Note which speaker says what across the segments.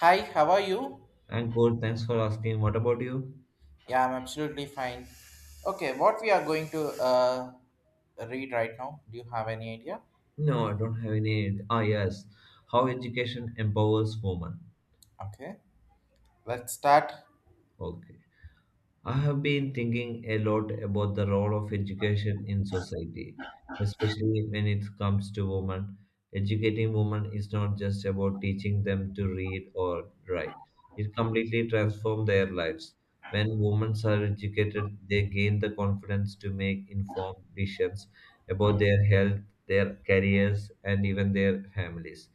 Speaker 1: Hi, how are you?
Speaker 2: And good, thanks for asking. What about you?
Speaker 1: Yeah, I'm absolutely fine. Okay, what we are going to read right now? Do you have any idea?
Speaker 2: No, I don't have any. Ah, yes. How education empowers women.
Speaker 1: Okay, let's start.
Speaker 2: Okay. I have been thinking a lot about the role of education in society, especially when it comes to women. Educating women is not just about teaching them to read or write, it completely transforms their lives. When women are educated, they gain the confidence to make informed decisions about their health, their careers, and even their families.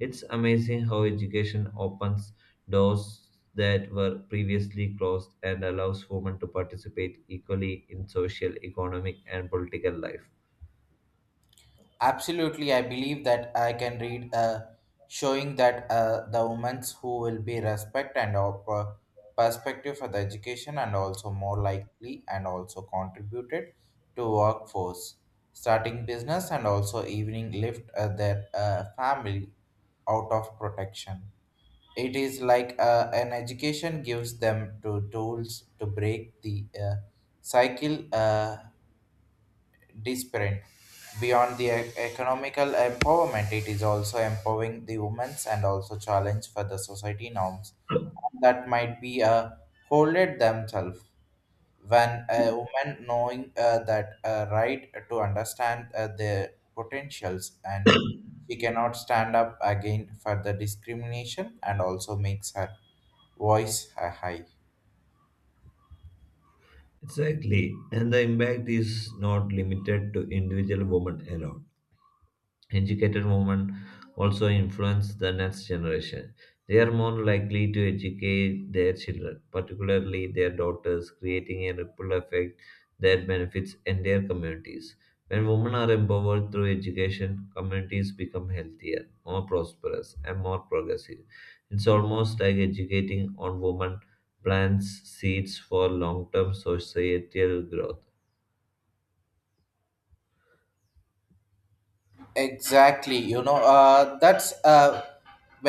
Speaker 2: It's amazing how education opens doors that were previously closed and allows women to participate equally in social, economic, and political life.
Speaker 1: Absolutely, I believe that I can read showing that the women's who will be respect and perspective for the education and also more likely and also contributed to workforce, starting business and also evening lift their family out of protection. It is like an education gives them to tools to break the cycle disparate. Beyond the economical empowerment, it is also empowering the women's and also challenge for the society norms that might be holded themselves. When a woman knowing that right to understand their potentials and she cannot stand up again for the discrimination and also makes her voice high.
Speaker 2: Exactly, and the impact is not limited to individual women alone. Educated women also influence the next generation. They are more likely to educate their children, particularly their daughters, creating a ripple effect that benefits entire communities. When women are empowered through education, communities become healthier, more prosperous, and more progressive. It's almost like educating on women plants seeds for long term societal growth.
Speaker 1: Exactly, you know, that's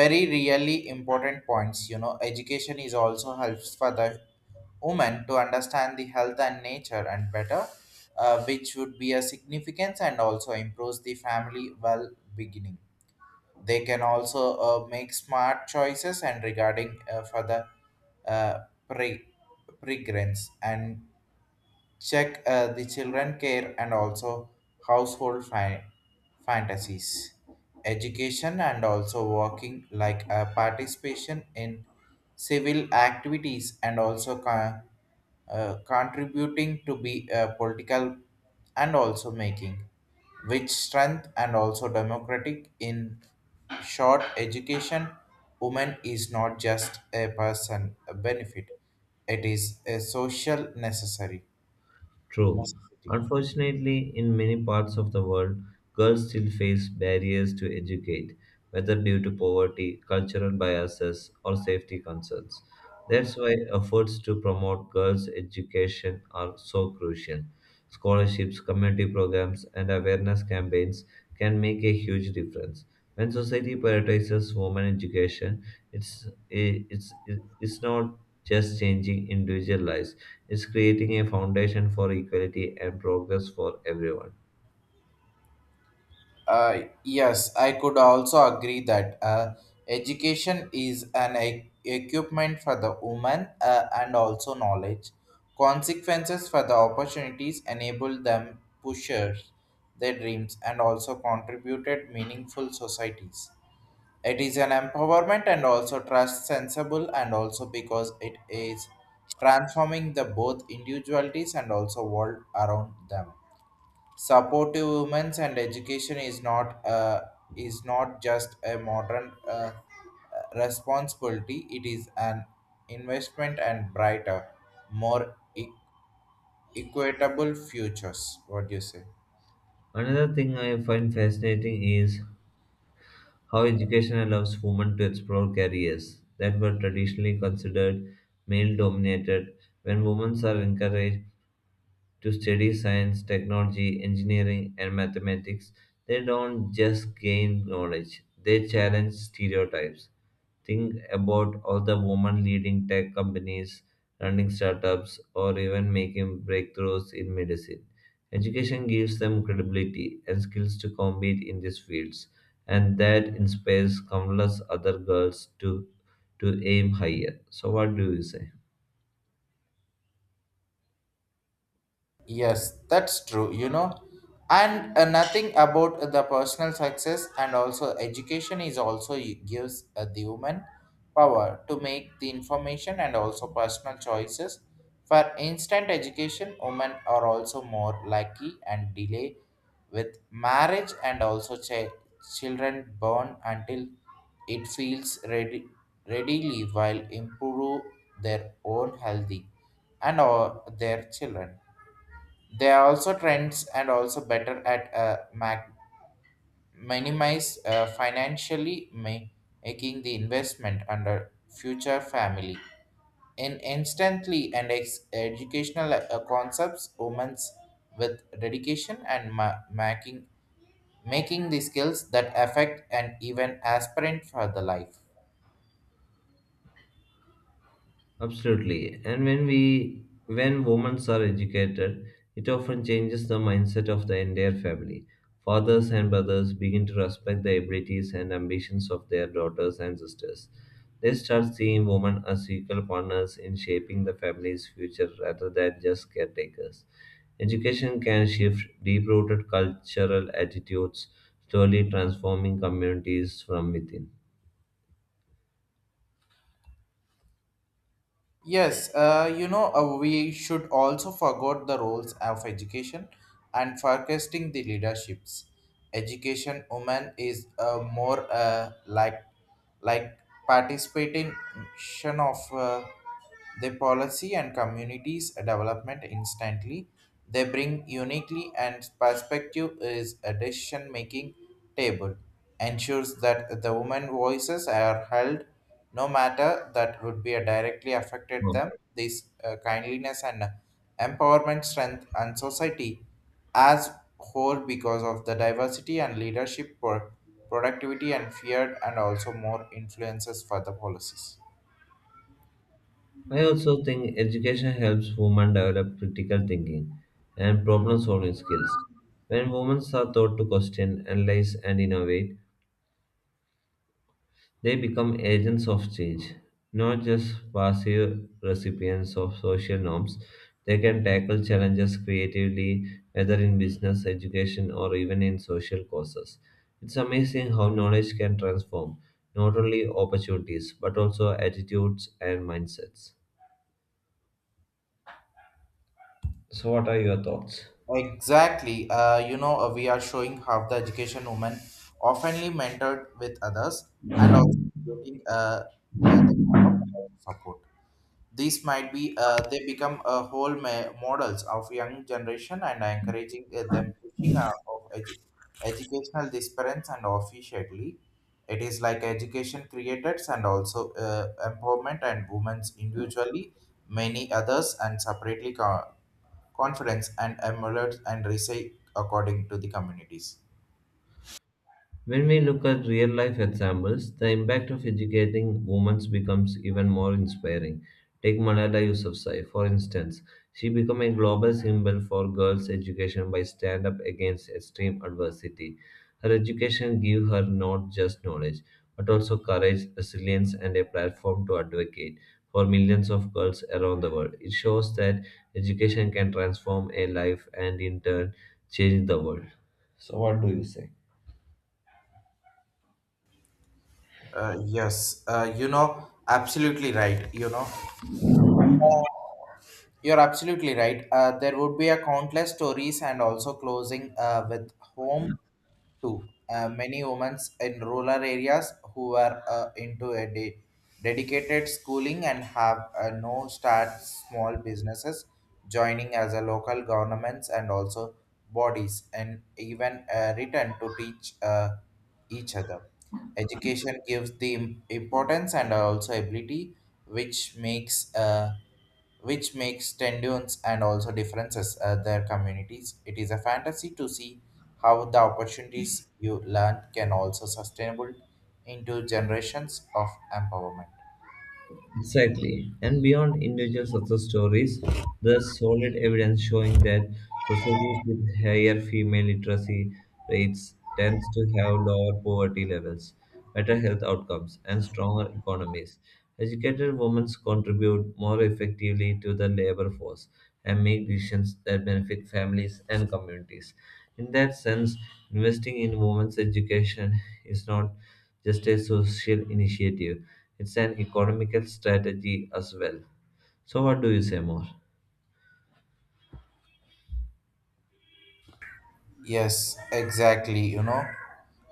Speaker 1: very really important points. You know, education is also helps for the woman to understand the health and nature and better, which would be a significance and also improves the family well beginning. They can also make smart choices and regarding for the uh, pre- pregrants and check the children care and also household fi- fantasies education and also working like a participation in civil activities and also contributing to be political and also making which strength and also democratic in short education woman is not just a person a benefit, it is a social necessary
Speaker 2: True.
Speaker 1: necessity.
Speaker 2: Unfortunately, in many parts of the world, girls still face barriers to educate, whether due to poverty, cultural biases, or safety concerns. That's why efforts to promote girls' education are so crucial. Scholarships, community programs, and awareness campaigns can make a huge difference. When society prioritizes women education, it's, eh, it's, it's not just changing individual lives is creating a foundation for equality and progress for everyone.
Speaker 1: Yes, I could also agree that education is an equipment for the woman and also knowledge. Consequences for the opportunities enable them pushers their dreams and also contributed meaningful societies. It is an empowerment and also trust sensible and also because it is transforming the both individualities and also world around them. Supportive women's and education is not just a modern responsibility. It is an investment and brighter, more equitable futures. What do you say?
Speaker 2: Another thing I find fascinating is how education allows women to explore careers that were traditionally considered male dominated when women are encouraged to study science, technology, engineering, and mathematics, they don't just gain knowledge, they challenge stereotypes. Think about all the women leading tech companies, running startups, or even making breakthroughs in medicine. Education gives them credibility and skills to compete in these fields, and that inspires countless other girls to aim higher. So, what do you say?
Speaker 1: Yes, that's true, you know. And nothing about the personal success and also education is also gives the woman power to make the information and also personal choices. For instant education, women are also more lucky and delay with marriage and also children born until it feels ready readily while improve their own healthy and or their children. They are also trends and also better at minimize financially making the investment under future family. In instantly and educational concepts, women's with dedication and making the skills that affect and even aspirant for the life.
Speaker 2: Absolutely. And when women are educated, it often changes the mindset of the entire family. Fathers and brothers begin to respect the abilities and ambitions of their daughters and sisters. They start seeing women as equal partners in shaping the family's future rather than just caretakers. Education can shift deep rooted cultural attitudes, slowly transforming communities from within.
Speaker 1: Yes, you know, we should also forget the roles of education and forecasting the leaderships. Education woman is more like participation of the policy and communities development instantly. They bring uniquely and perspective is a decision making table, ensures that the women voices are held no matter that would be a directly affected them. This kindliness and empowerment strength and society as whole because of the diversity and leadership for productivity and feared and also more influences for the policies.
Speaker 2: I also think education helps women develop critical thinking and problem solving skills. When women are taught to question, analyze, and innovate, they become agents of change, not just passive recipients of social norms. They can tackle challenges creatively, whether in business, education, or even in social causes. It's amazing how knowledge can transform not only opportunities but also attitudes and mindsets. So, what are your thoughts?
Speaker 1: Exactly. You know, we are showing how the education women oftenly mentored with others and also creating the support. These might be they become a whole models of young generation and encouraging them pushing of educational disparence and officially it is like education creators and also empowerment and women's individually many others and separately confidence and emulate and reshape according to the communities.
Speaker 2: When we look at real life examples, the impact of educating women becomes even more inspiring. Take Malala Yousafzai, for instance. She became a global symbol for girls' education by stand up against extreme adversity. Her education gave her not just knowledge, but also courage, resilience, and a platform to advocate for millions of girls around the world. It shows that education can transform a life and, in turn, change the world. So, what do you say?
Speaker 1: Yes, you know, absolutely right. You know, you're absolutely right. There would be a countless stories and also closing with home too. Many women in rural areas who were into a dedicated schooling and have no start small businesses joining as a local governments and also bodies and even return to teach each other. Education gives the importance and also ability, which makes uh, which makes tendons and also differences their communities. It is a fantasy to see how the opportunities you learn can also sustainable into generations of empowerment.
Speaker 2: Exactly. And beyond individual success stories, there's solid evidence showing that societies with higher female literacy rates tends to have lower poverty levels, better health outcomes, and stronger economies. Educated women contribute more effectively to the labor force and make decisions that benefit families and communities. In that sense, investing in women's education is not just a social initiative. It's an economical strategy as well. So, what do you say more?
Speaker 1: Yes, exactly. You know,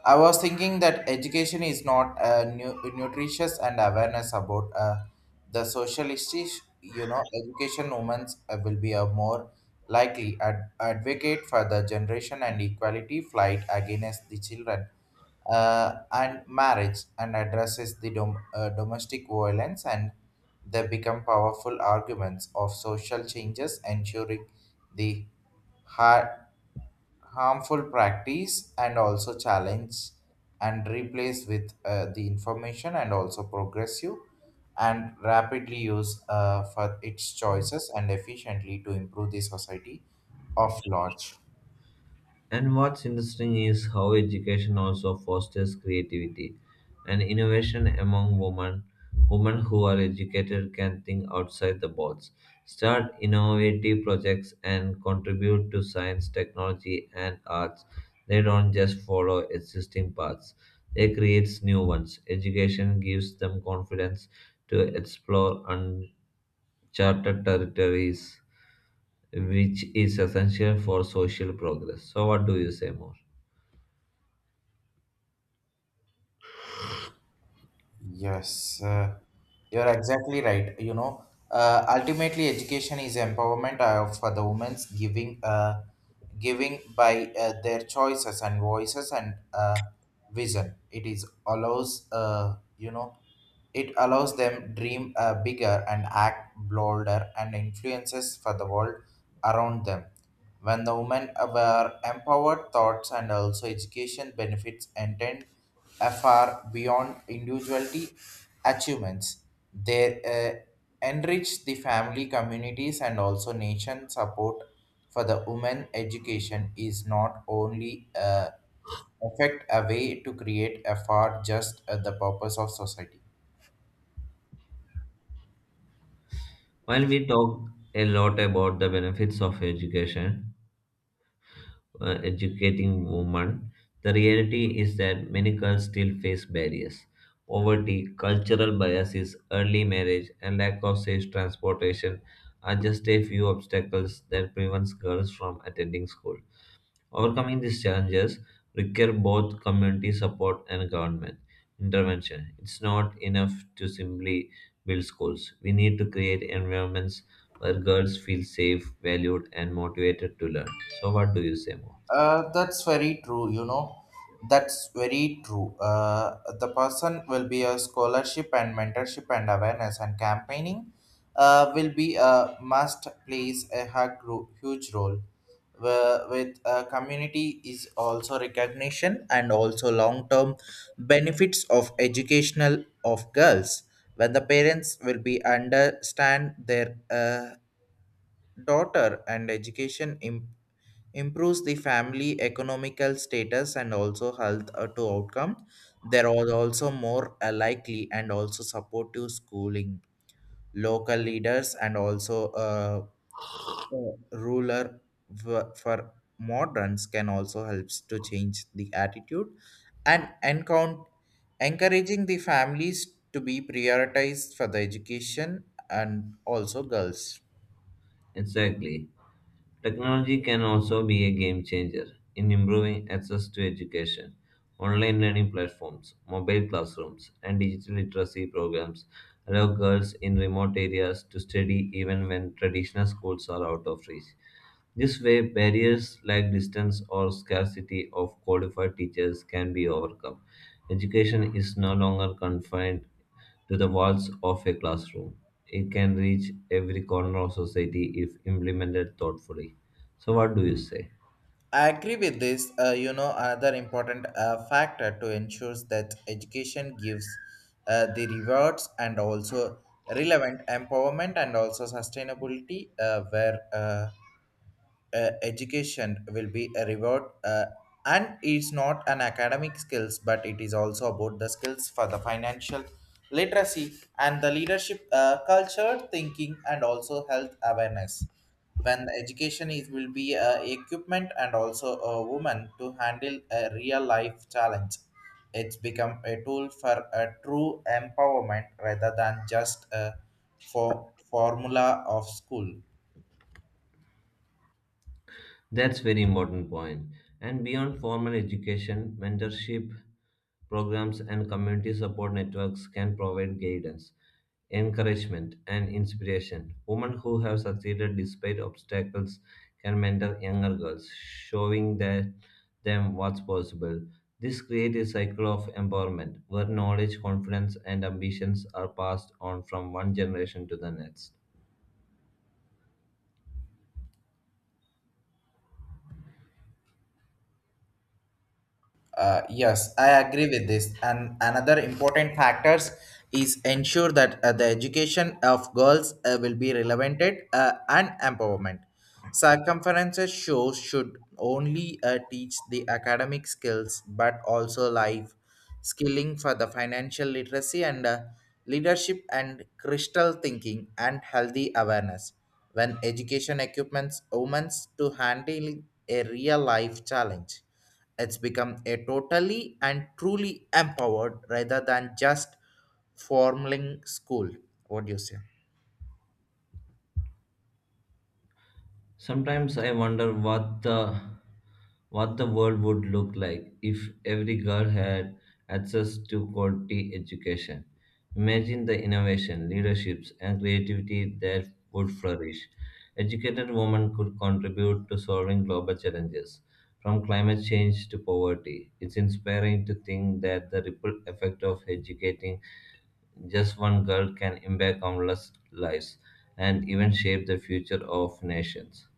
Speaker 1: I was thinking that education is not nutritious and awareness about the social issues. You know, education women will be a more likely advocate for the generation and equality fight against the children and marriage and addresses the domestic violence and they become powerful arguments of social changes ensuring the harmful practice and also challenge and replace with the information and also progressive and rapidly use for its choices and efficiently to improve the society of large.
Speaker 2: And what's interesting is how education also fosters creativity and innovation among women. Women who are educated can think outside the box, start innovative projects, and contribute to science, technology, and arts. They don't just follow existing paths, they create new ones. Education gives them confidence to explore uncharted territories, which is essential for social progress. So, what do you say more?
Speaker 1: Yes, you're exactly right. You know, ultimately, education is empowerment for the women's giving by their choices and voices and vision. It is allows, you know, it allows them dream bigger and act bolder and influences for the world around them. When the women were empowered, thoughts and also education benefits intend far beyond individuality achievements. They enrich the family, communities, and also nation support for the women education is not only affect a way to create a far just the purpose of society.
Speaker 2: While we talk a lot about the benefits of education, educating women, the reality is that many girls still face barriers. Poverty, cultural biases, early marriage, and lack of safe transportation are just a few obstacles that prevents girls from attending school. Overcoming these challenges require both community support and government intervention. It's not enough to simply build schools. We need to create environments where girls feel safe, valued, and motivated to learn. So, what do you say more?
Speaker 1: That's very true, you know. That's very true. The person will be a scholarship and mentorship and awareness and campaigning will be a must plays a huge role. With community is also recognition and also long term benefits of educational of girls when the parents will be understand their daughter and education improves the family economical status and also health to outcome. There are also more likely and also supportive schooling local leaders and also ruler for moderns can also helps to change the attitude and encount encouraging the families to be prioritized for the education and also girls.
Speaker 2: Exactly. Technology can also be a game changer in improving access to education. Online learning platforms, mobile classrooms, and digital literacy programs allow girls in remote areas to study even when traditional schools are out of reach. This way, barriers like distance or scarcity of qualified teachers can be overcome. Education is no longer confined to the walls of a classroom. It can reach every corner of society if implemented thoughtfully. So, what do you say?
Speaker 1: I agree with this. You know, another important factor to ensure that education gives the rewards and also relevant empowerment and also sustainability, where education will be a reward and it's not an academic skills but it is also about the skills for the financial literacy and the leadership culture thinking and also health awareness when the education is will be equipment and also a woman to handle a real life challenge. It's become a tool for a true empowerment rather than just a for formula of school.
Speaker 2: That's very important point. And beyond formal education, mentorship programs and community support networks can provide guidance, encouragement, and inspiration. Women who have succeeded despite obstacles can mentor younger girls, them what's possible. This creates a cycle of empowerment where knowledge, confidence, and ambitions are passed on from one generation to the next.
Speaker 1: Yes, I agree with this. And another important factors is ensure that the education of girls will be relevant and empowerment. Circumferences shows should only teach the academic skills, but also life skilling for the financial literacy and leadership and crystal thinking and healthy awareness. When education equipments women to handling a real life challenge, it's become a totally and truly empowered rather than just forming school. What do you say?
Speaker 2: Sometimes I wonder what the world would look like if every girl had access to quality education. Imagine the innovation, leaderships, and creativity that would flourish. Educated women could contribute to solving global challenges, from climate change to poverty. It's inspiring to think that the ripple effect of educating just one girl can impact countless lives and even shape the future of nations.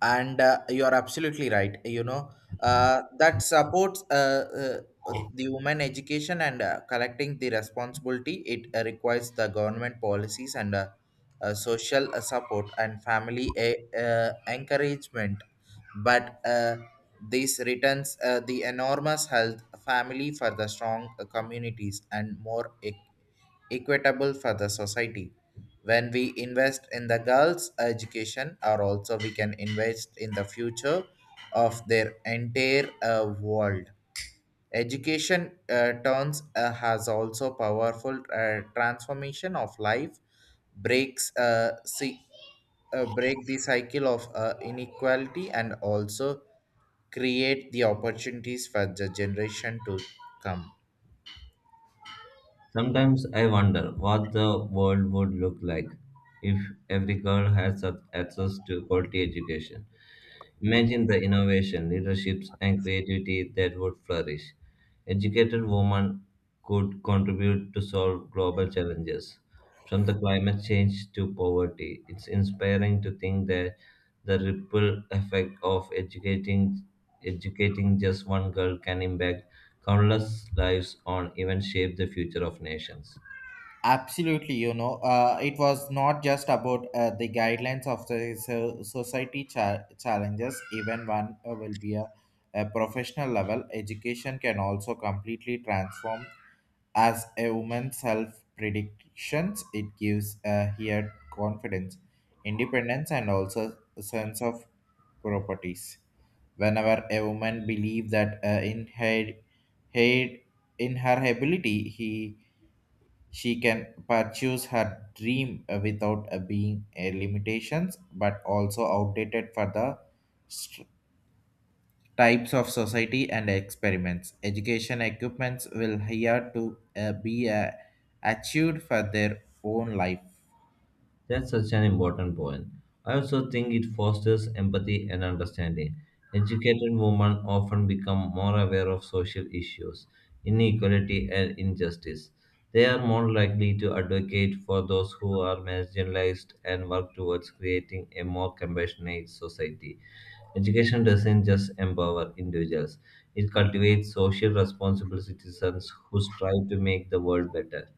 Speaker 1: And you are absolutely right, you know. That supports the women education and collecting the responsibility. It requires the government policies and social support and family encouragement, but this returns the enormous health family for the strong communities and more equitable for the society. When we invest in the girls' education, or also we can invest in the future of their entire world. Education turns has also powerful transformation of life, breaks uh, see, break the cycle of inequality and also create the opportunities for the generation to come.
Speaker 2: Sometimes I wonder what the world would look like if every girl had such access to quality education. Imagine the innovation, leaderships, and creativity that would flourish. Educated women could contribute to solve global challenges, from the climate change to poverty. It's inspiring to think that the ripple effect of educating just one girl can impact countless lives on events shape the future of nations.
Speaker 1: Absolutely, you know, it was not just about the guidelines of the society challenges. Even one will be a professional level. Education can also completely transform as a woman's self predictions. It gives here confidence, independence, and also a sense of properties. Whenever a woman believes that her in her ability, he she can pursue her dream without being a limitations, but also outdated for the st- types of society and experiments. Education equipments will here to be achieved for their own life.
Speaker 2: That's such an important point. I also think it fosters empathy and understanding. Educated women often become more aware of social issues, inequality, and injustice. They are more likely to advocate for those who are marginalized and work towards creating a more compassionate society. Education doesn't just empower individuals, it cultivates social responsible citizens who strive to make the world better.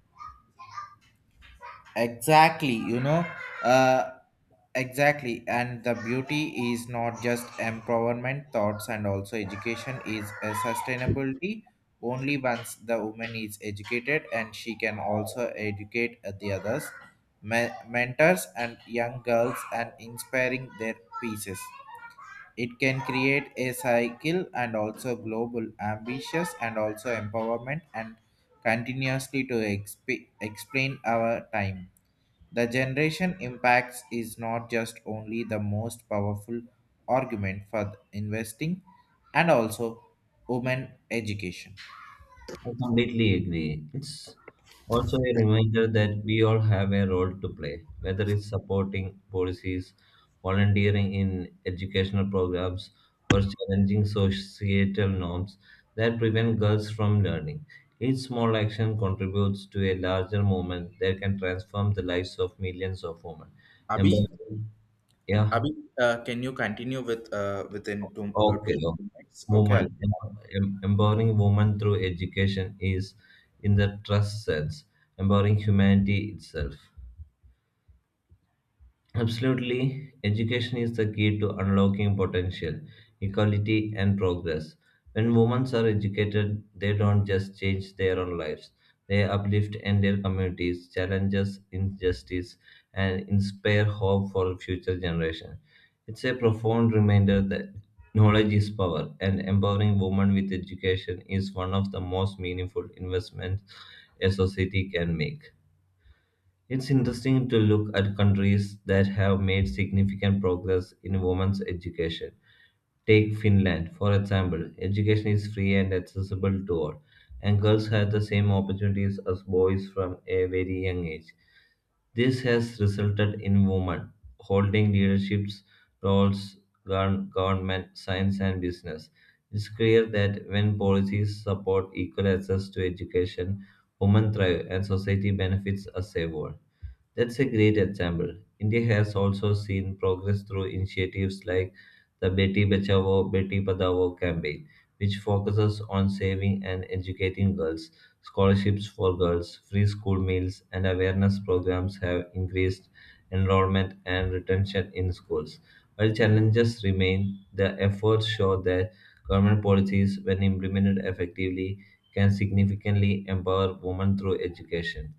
Speaker 1: Exactly, you know. Uh, exactly and the beauty is not just empowerment thoughts and also education is a sustainability only once the woman is educated, and she can also educate the others. Mentors and young girls and inspiring their pieces, it can create a cycle and also global ambitious and also empowerment and continuously to explain our time. The generation impacts is not just only the most powerful argument for the investing and also women education.
Speaker 2: I completely agree. It's also a reminder that we all have a role to play, whether it's supporting policies, volunteering in educational programs, or challenging societal norms that prevent girls from learning. Each small action contributes to a larger movement that can transform the lives of millions of women. And
Speaker 1: Abhi,
Speaker 2: by- yeah.
Speaker 1: Abhi, can you continue with within
Speaker 2: Okay,
Speaker 1: two
Speaker 2: okay.
Speaker 1: minutes? Okay. I'll,
Speaker 2: Empowering women through education is, in the trust sense, empowering humanity itself. Absolutely, education is the key to unlocking potential, equality, and progress. When women are educated, they don't just change their own lives, they uplift entire communities, challenges injustice, and inspire hope for future generations. It's a profound reminder that knowledge is power, and empowering women with education is one of the most meaningful investments a society can make. It's interesting to look at countries that have made significant progress in women's education. Take Finland, for example. Education is free and accessible to all, and girls have the same opportunities as boys from a very young age. This has resulted in women holding leadership roles, government, science, and business. It's clear that when policies support equal access to education, women thrive and society benefits as a whole. That's a great example. India has also seen progress through initiatives like the Beti Bachao Beti Padhao campaign, which focuses on saving and educating girls. Scholarships for girls, free school meals, and awareness programs have increased enrollment and retention in schools. While challenges remain, the efforts show that government policies, when implemented effectively, can significantly empower women through education.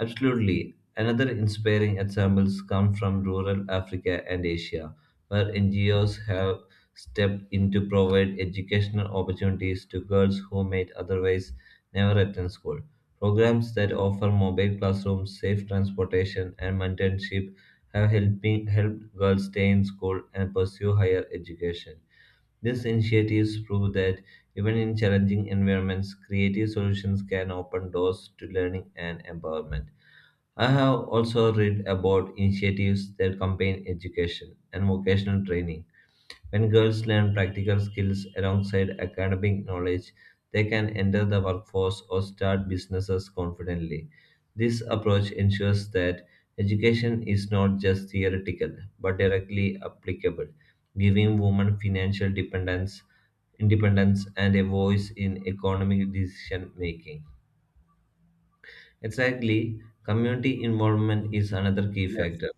Speaker 2: Absolutely. Another inspiring examples come from rural Africa and Asia, where NGOs have stepped in to provide educational opportunities to girls who might otherwise never attend school. Programs that offer mobile classrooms, safe transportation, and mentorship have helped girls stay in school and pursue higher education. These initiatives prove that even in challenging environments, creative solutions can open doors to learning and empowerment. I have also read about initiatives that combine education and vocational training. When girls learn practical skills alongside academic knowledge, they can enter the workforce or start businesses confidently. This approach ensures that education is not just theoretical but directly applicable, giving women independence and a voice in economic decision making. Exactly. Community involvement is another key
Speaker 1: yes.
Speaker 2: factor.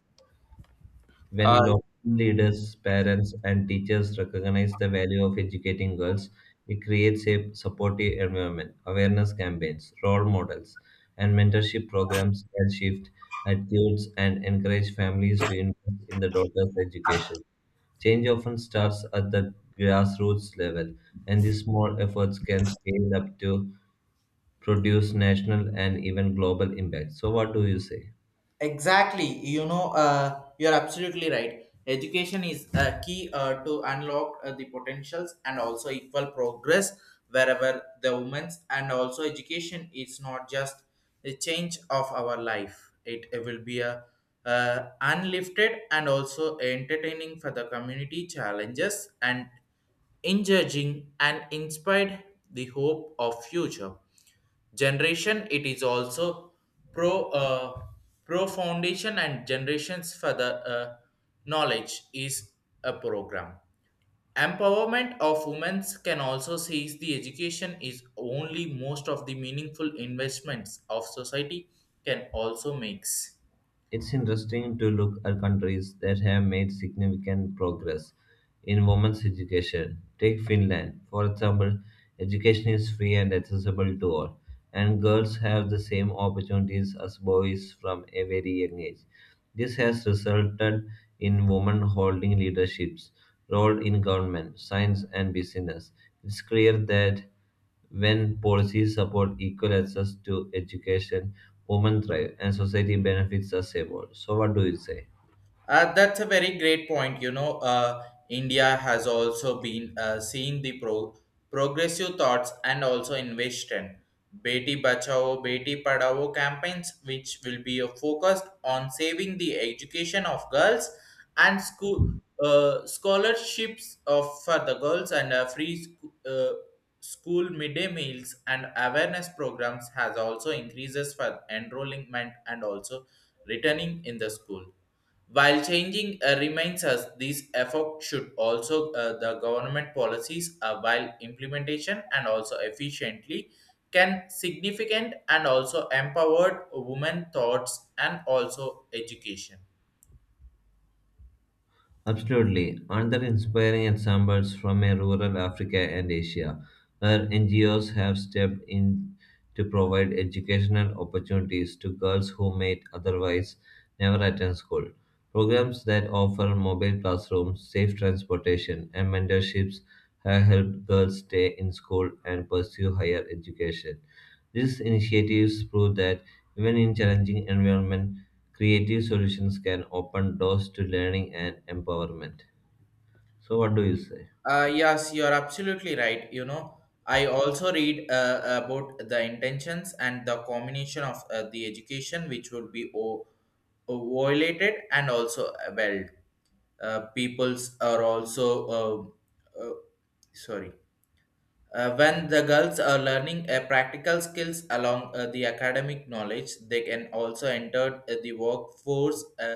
Speaker 1: Uh,
Speaker 2: When local leaders, parents, and teachers recognize the value of educating girls, it creates a supportive environment. Awareness campaigns, role models, and mentorship programs can shift attitudes and encourage families to invest in the daughter's education. Change often starts at the grassroots level, and these small efforts can scale up to produce national and even global impact. So, what do you say?
Speaker 1: Exactly. You know, you're absolutely right. Education is a key to unlock the potentials and also equal progress wherever the women's and also education is not just a change of our life. It will be a unlifted and also entertaining for the community challenges and encouraging and inspired the hope of future generation. It is also pro uh, pro foundation and generations for the knowledge is a program empowerment of women can also seize the education is only most of the meaningful investments of society can also makes.
Speaker 2: It's interesting to look at countries that have made significant progress in women's education. Take Finland, for example, education is free and accessible to all, and girls have the same opportunities as boys from a very young age. This has resulted in women holding leaderships role in government, science and business. It's clear that when policies support equal access to education, women thrive and society benefits us all. So, what do you say?
Speaker 1: That's a very great point. You know, India has also been seeing the progressive thoughts and also innovation. Beti Bachao, Beti Padhao campaigns, which will be focused on saving the education of girls and school scholarships of for the girls and free school midday meals and awareness programs has also increases for enrollment and also returning in the school while changing reminds us these efforts should also the government policies while implementation and also efficiently can significant and also empowered women thoughts and also education.
Speaker 2: Absolutely. Another inspiring examples from a rural Africa and Asia, where NGOs have stepped in to provide educational opportunities to girls who might otherwise never attend school. Programs that offer mobile classrooms, safe transportation, and mentorships have helped girls stay in school and pursue higher education. These initiatives prove that even in challenging environment, creative solutions can open doors to learning and empowerment. So, what do you say?
Speaker 1: Yes, you're absolutely right. You know, I also read about the intentions and the combination of the education which would be violated and also well, peoples are also um, uh, sorry. When the girls are learning practical skills along the academic knowledge, they can also enter the workforce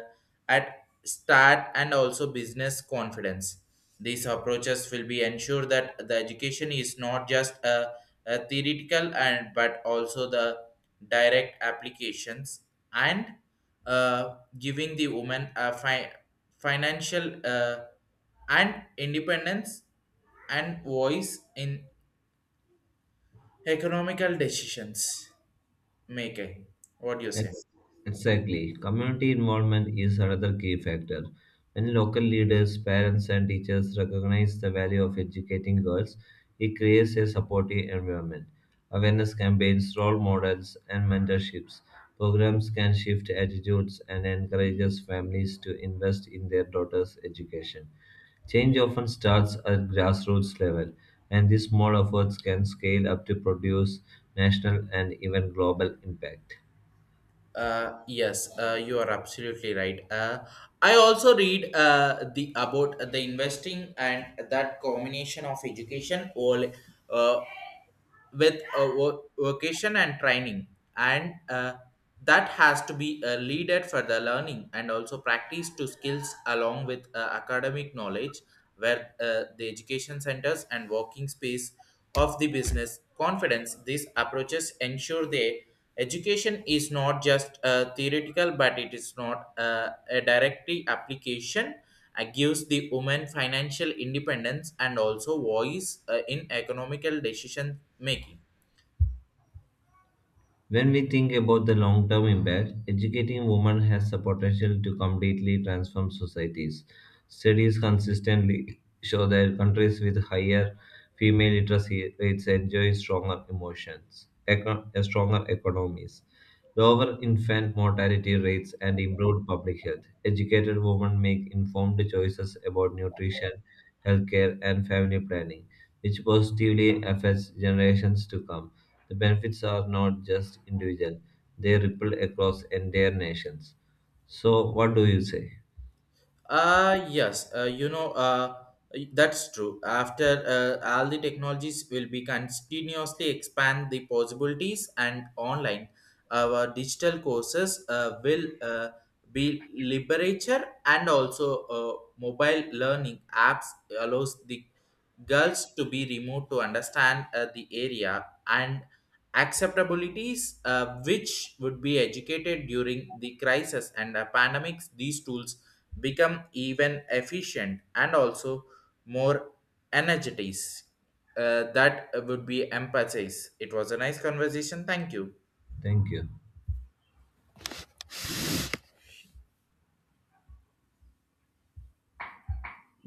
Speaker 1: at start and also business confidence. These approaches will be ensure that the education is not just a theoretical and but also the direct applications and giving the woman a financial and independence and voice in economical decisions making. What do you say?
Speaker 2: Ex- Exactly. Community involvement is another key factor. When local leaders, parents, and teachers recognize the value of educating girls, it creates a supportive environment. Awareness campaigns, role models, and mentorships programs can shift attitudes and encourages families to invest in their daughters' education. Change often starts at grassroots level, and these small efforts can scale up to produce national and even global impact.
Speaker 1: Yes you are absolutely right. I also read the about the investing and that combination of education all, uh, with a vocation and training, and that has to be leaded for the learning and also practice to skills along with academic knowledge where the education centers and working space of the business confidence. These approaches ensure the education is not just theoretical, but it is not a direct application. It gives the woman financial independence and also voice in economical decision making.
Speaker 2: When we think about the long term impact, educating women has the potential to completely transform societies. Studies consistently show that countries with higher female literacy rates enjoy stronger economies, lower infant mortality rates, and improved public health. Educated women make informed choices about nutrition, healthcare, and family planning, which positively affects generations to come. The benefits are not just individual, they ripple across entire nations. So, what do you say?
Speaker 1: Yes, you know, that's true. After all the technologies will be continuously expand the possibilities and online, our digital courses will be literature and also mobile learning apps allows the girls to be removed to understand the area and acceptabilities which would be educated during the crisis and the pandemics. These tools become even efficient and also more energized that would be emphasized. It was a nice conversation, thank you.
Speaker 2: Thank you.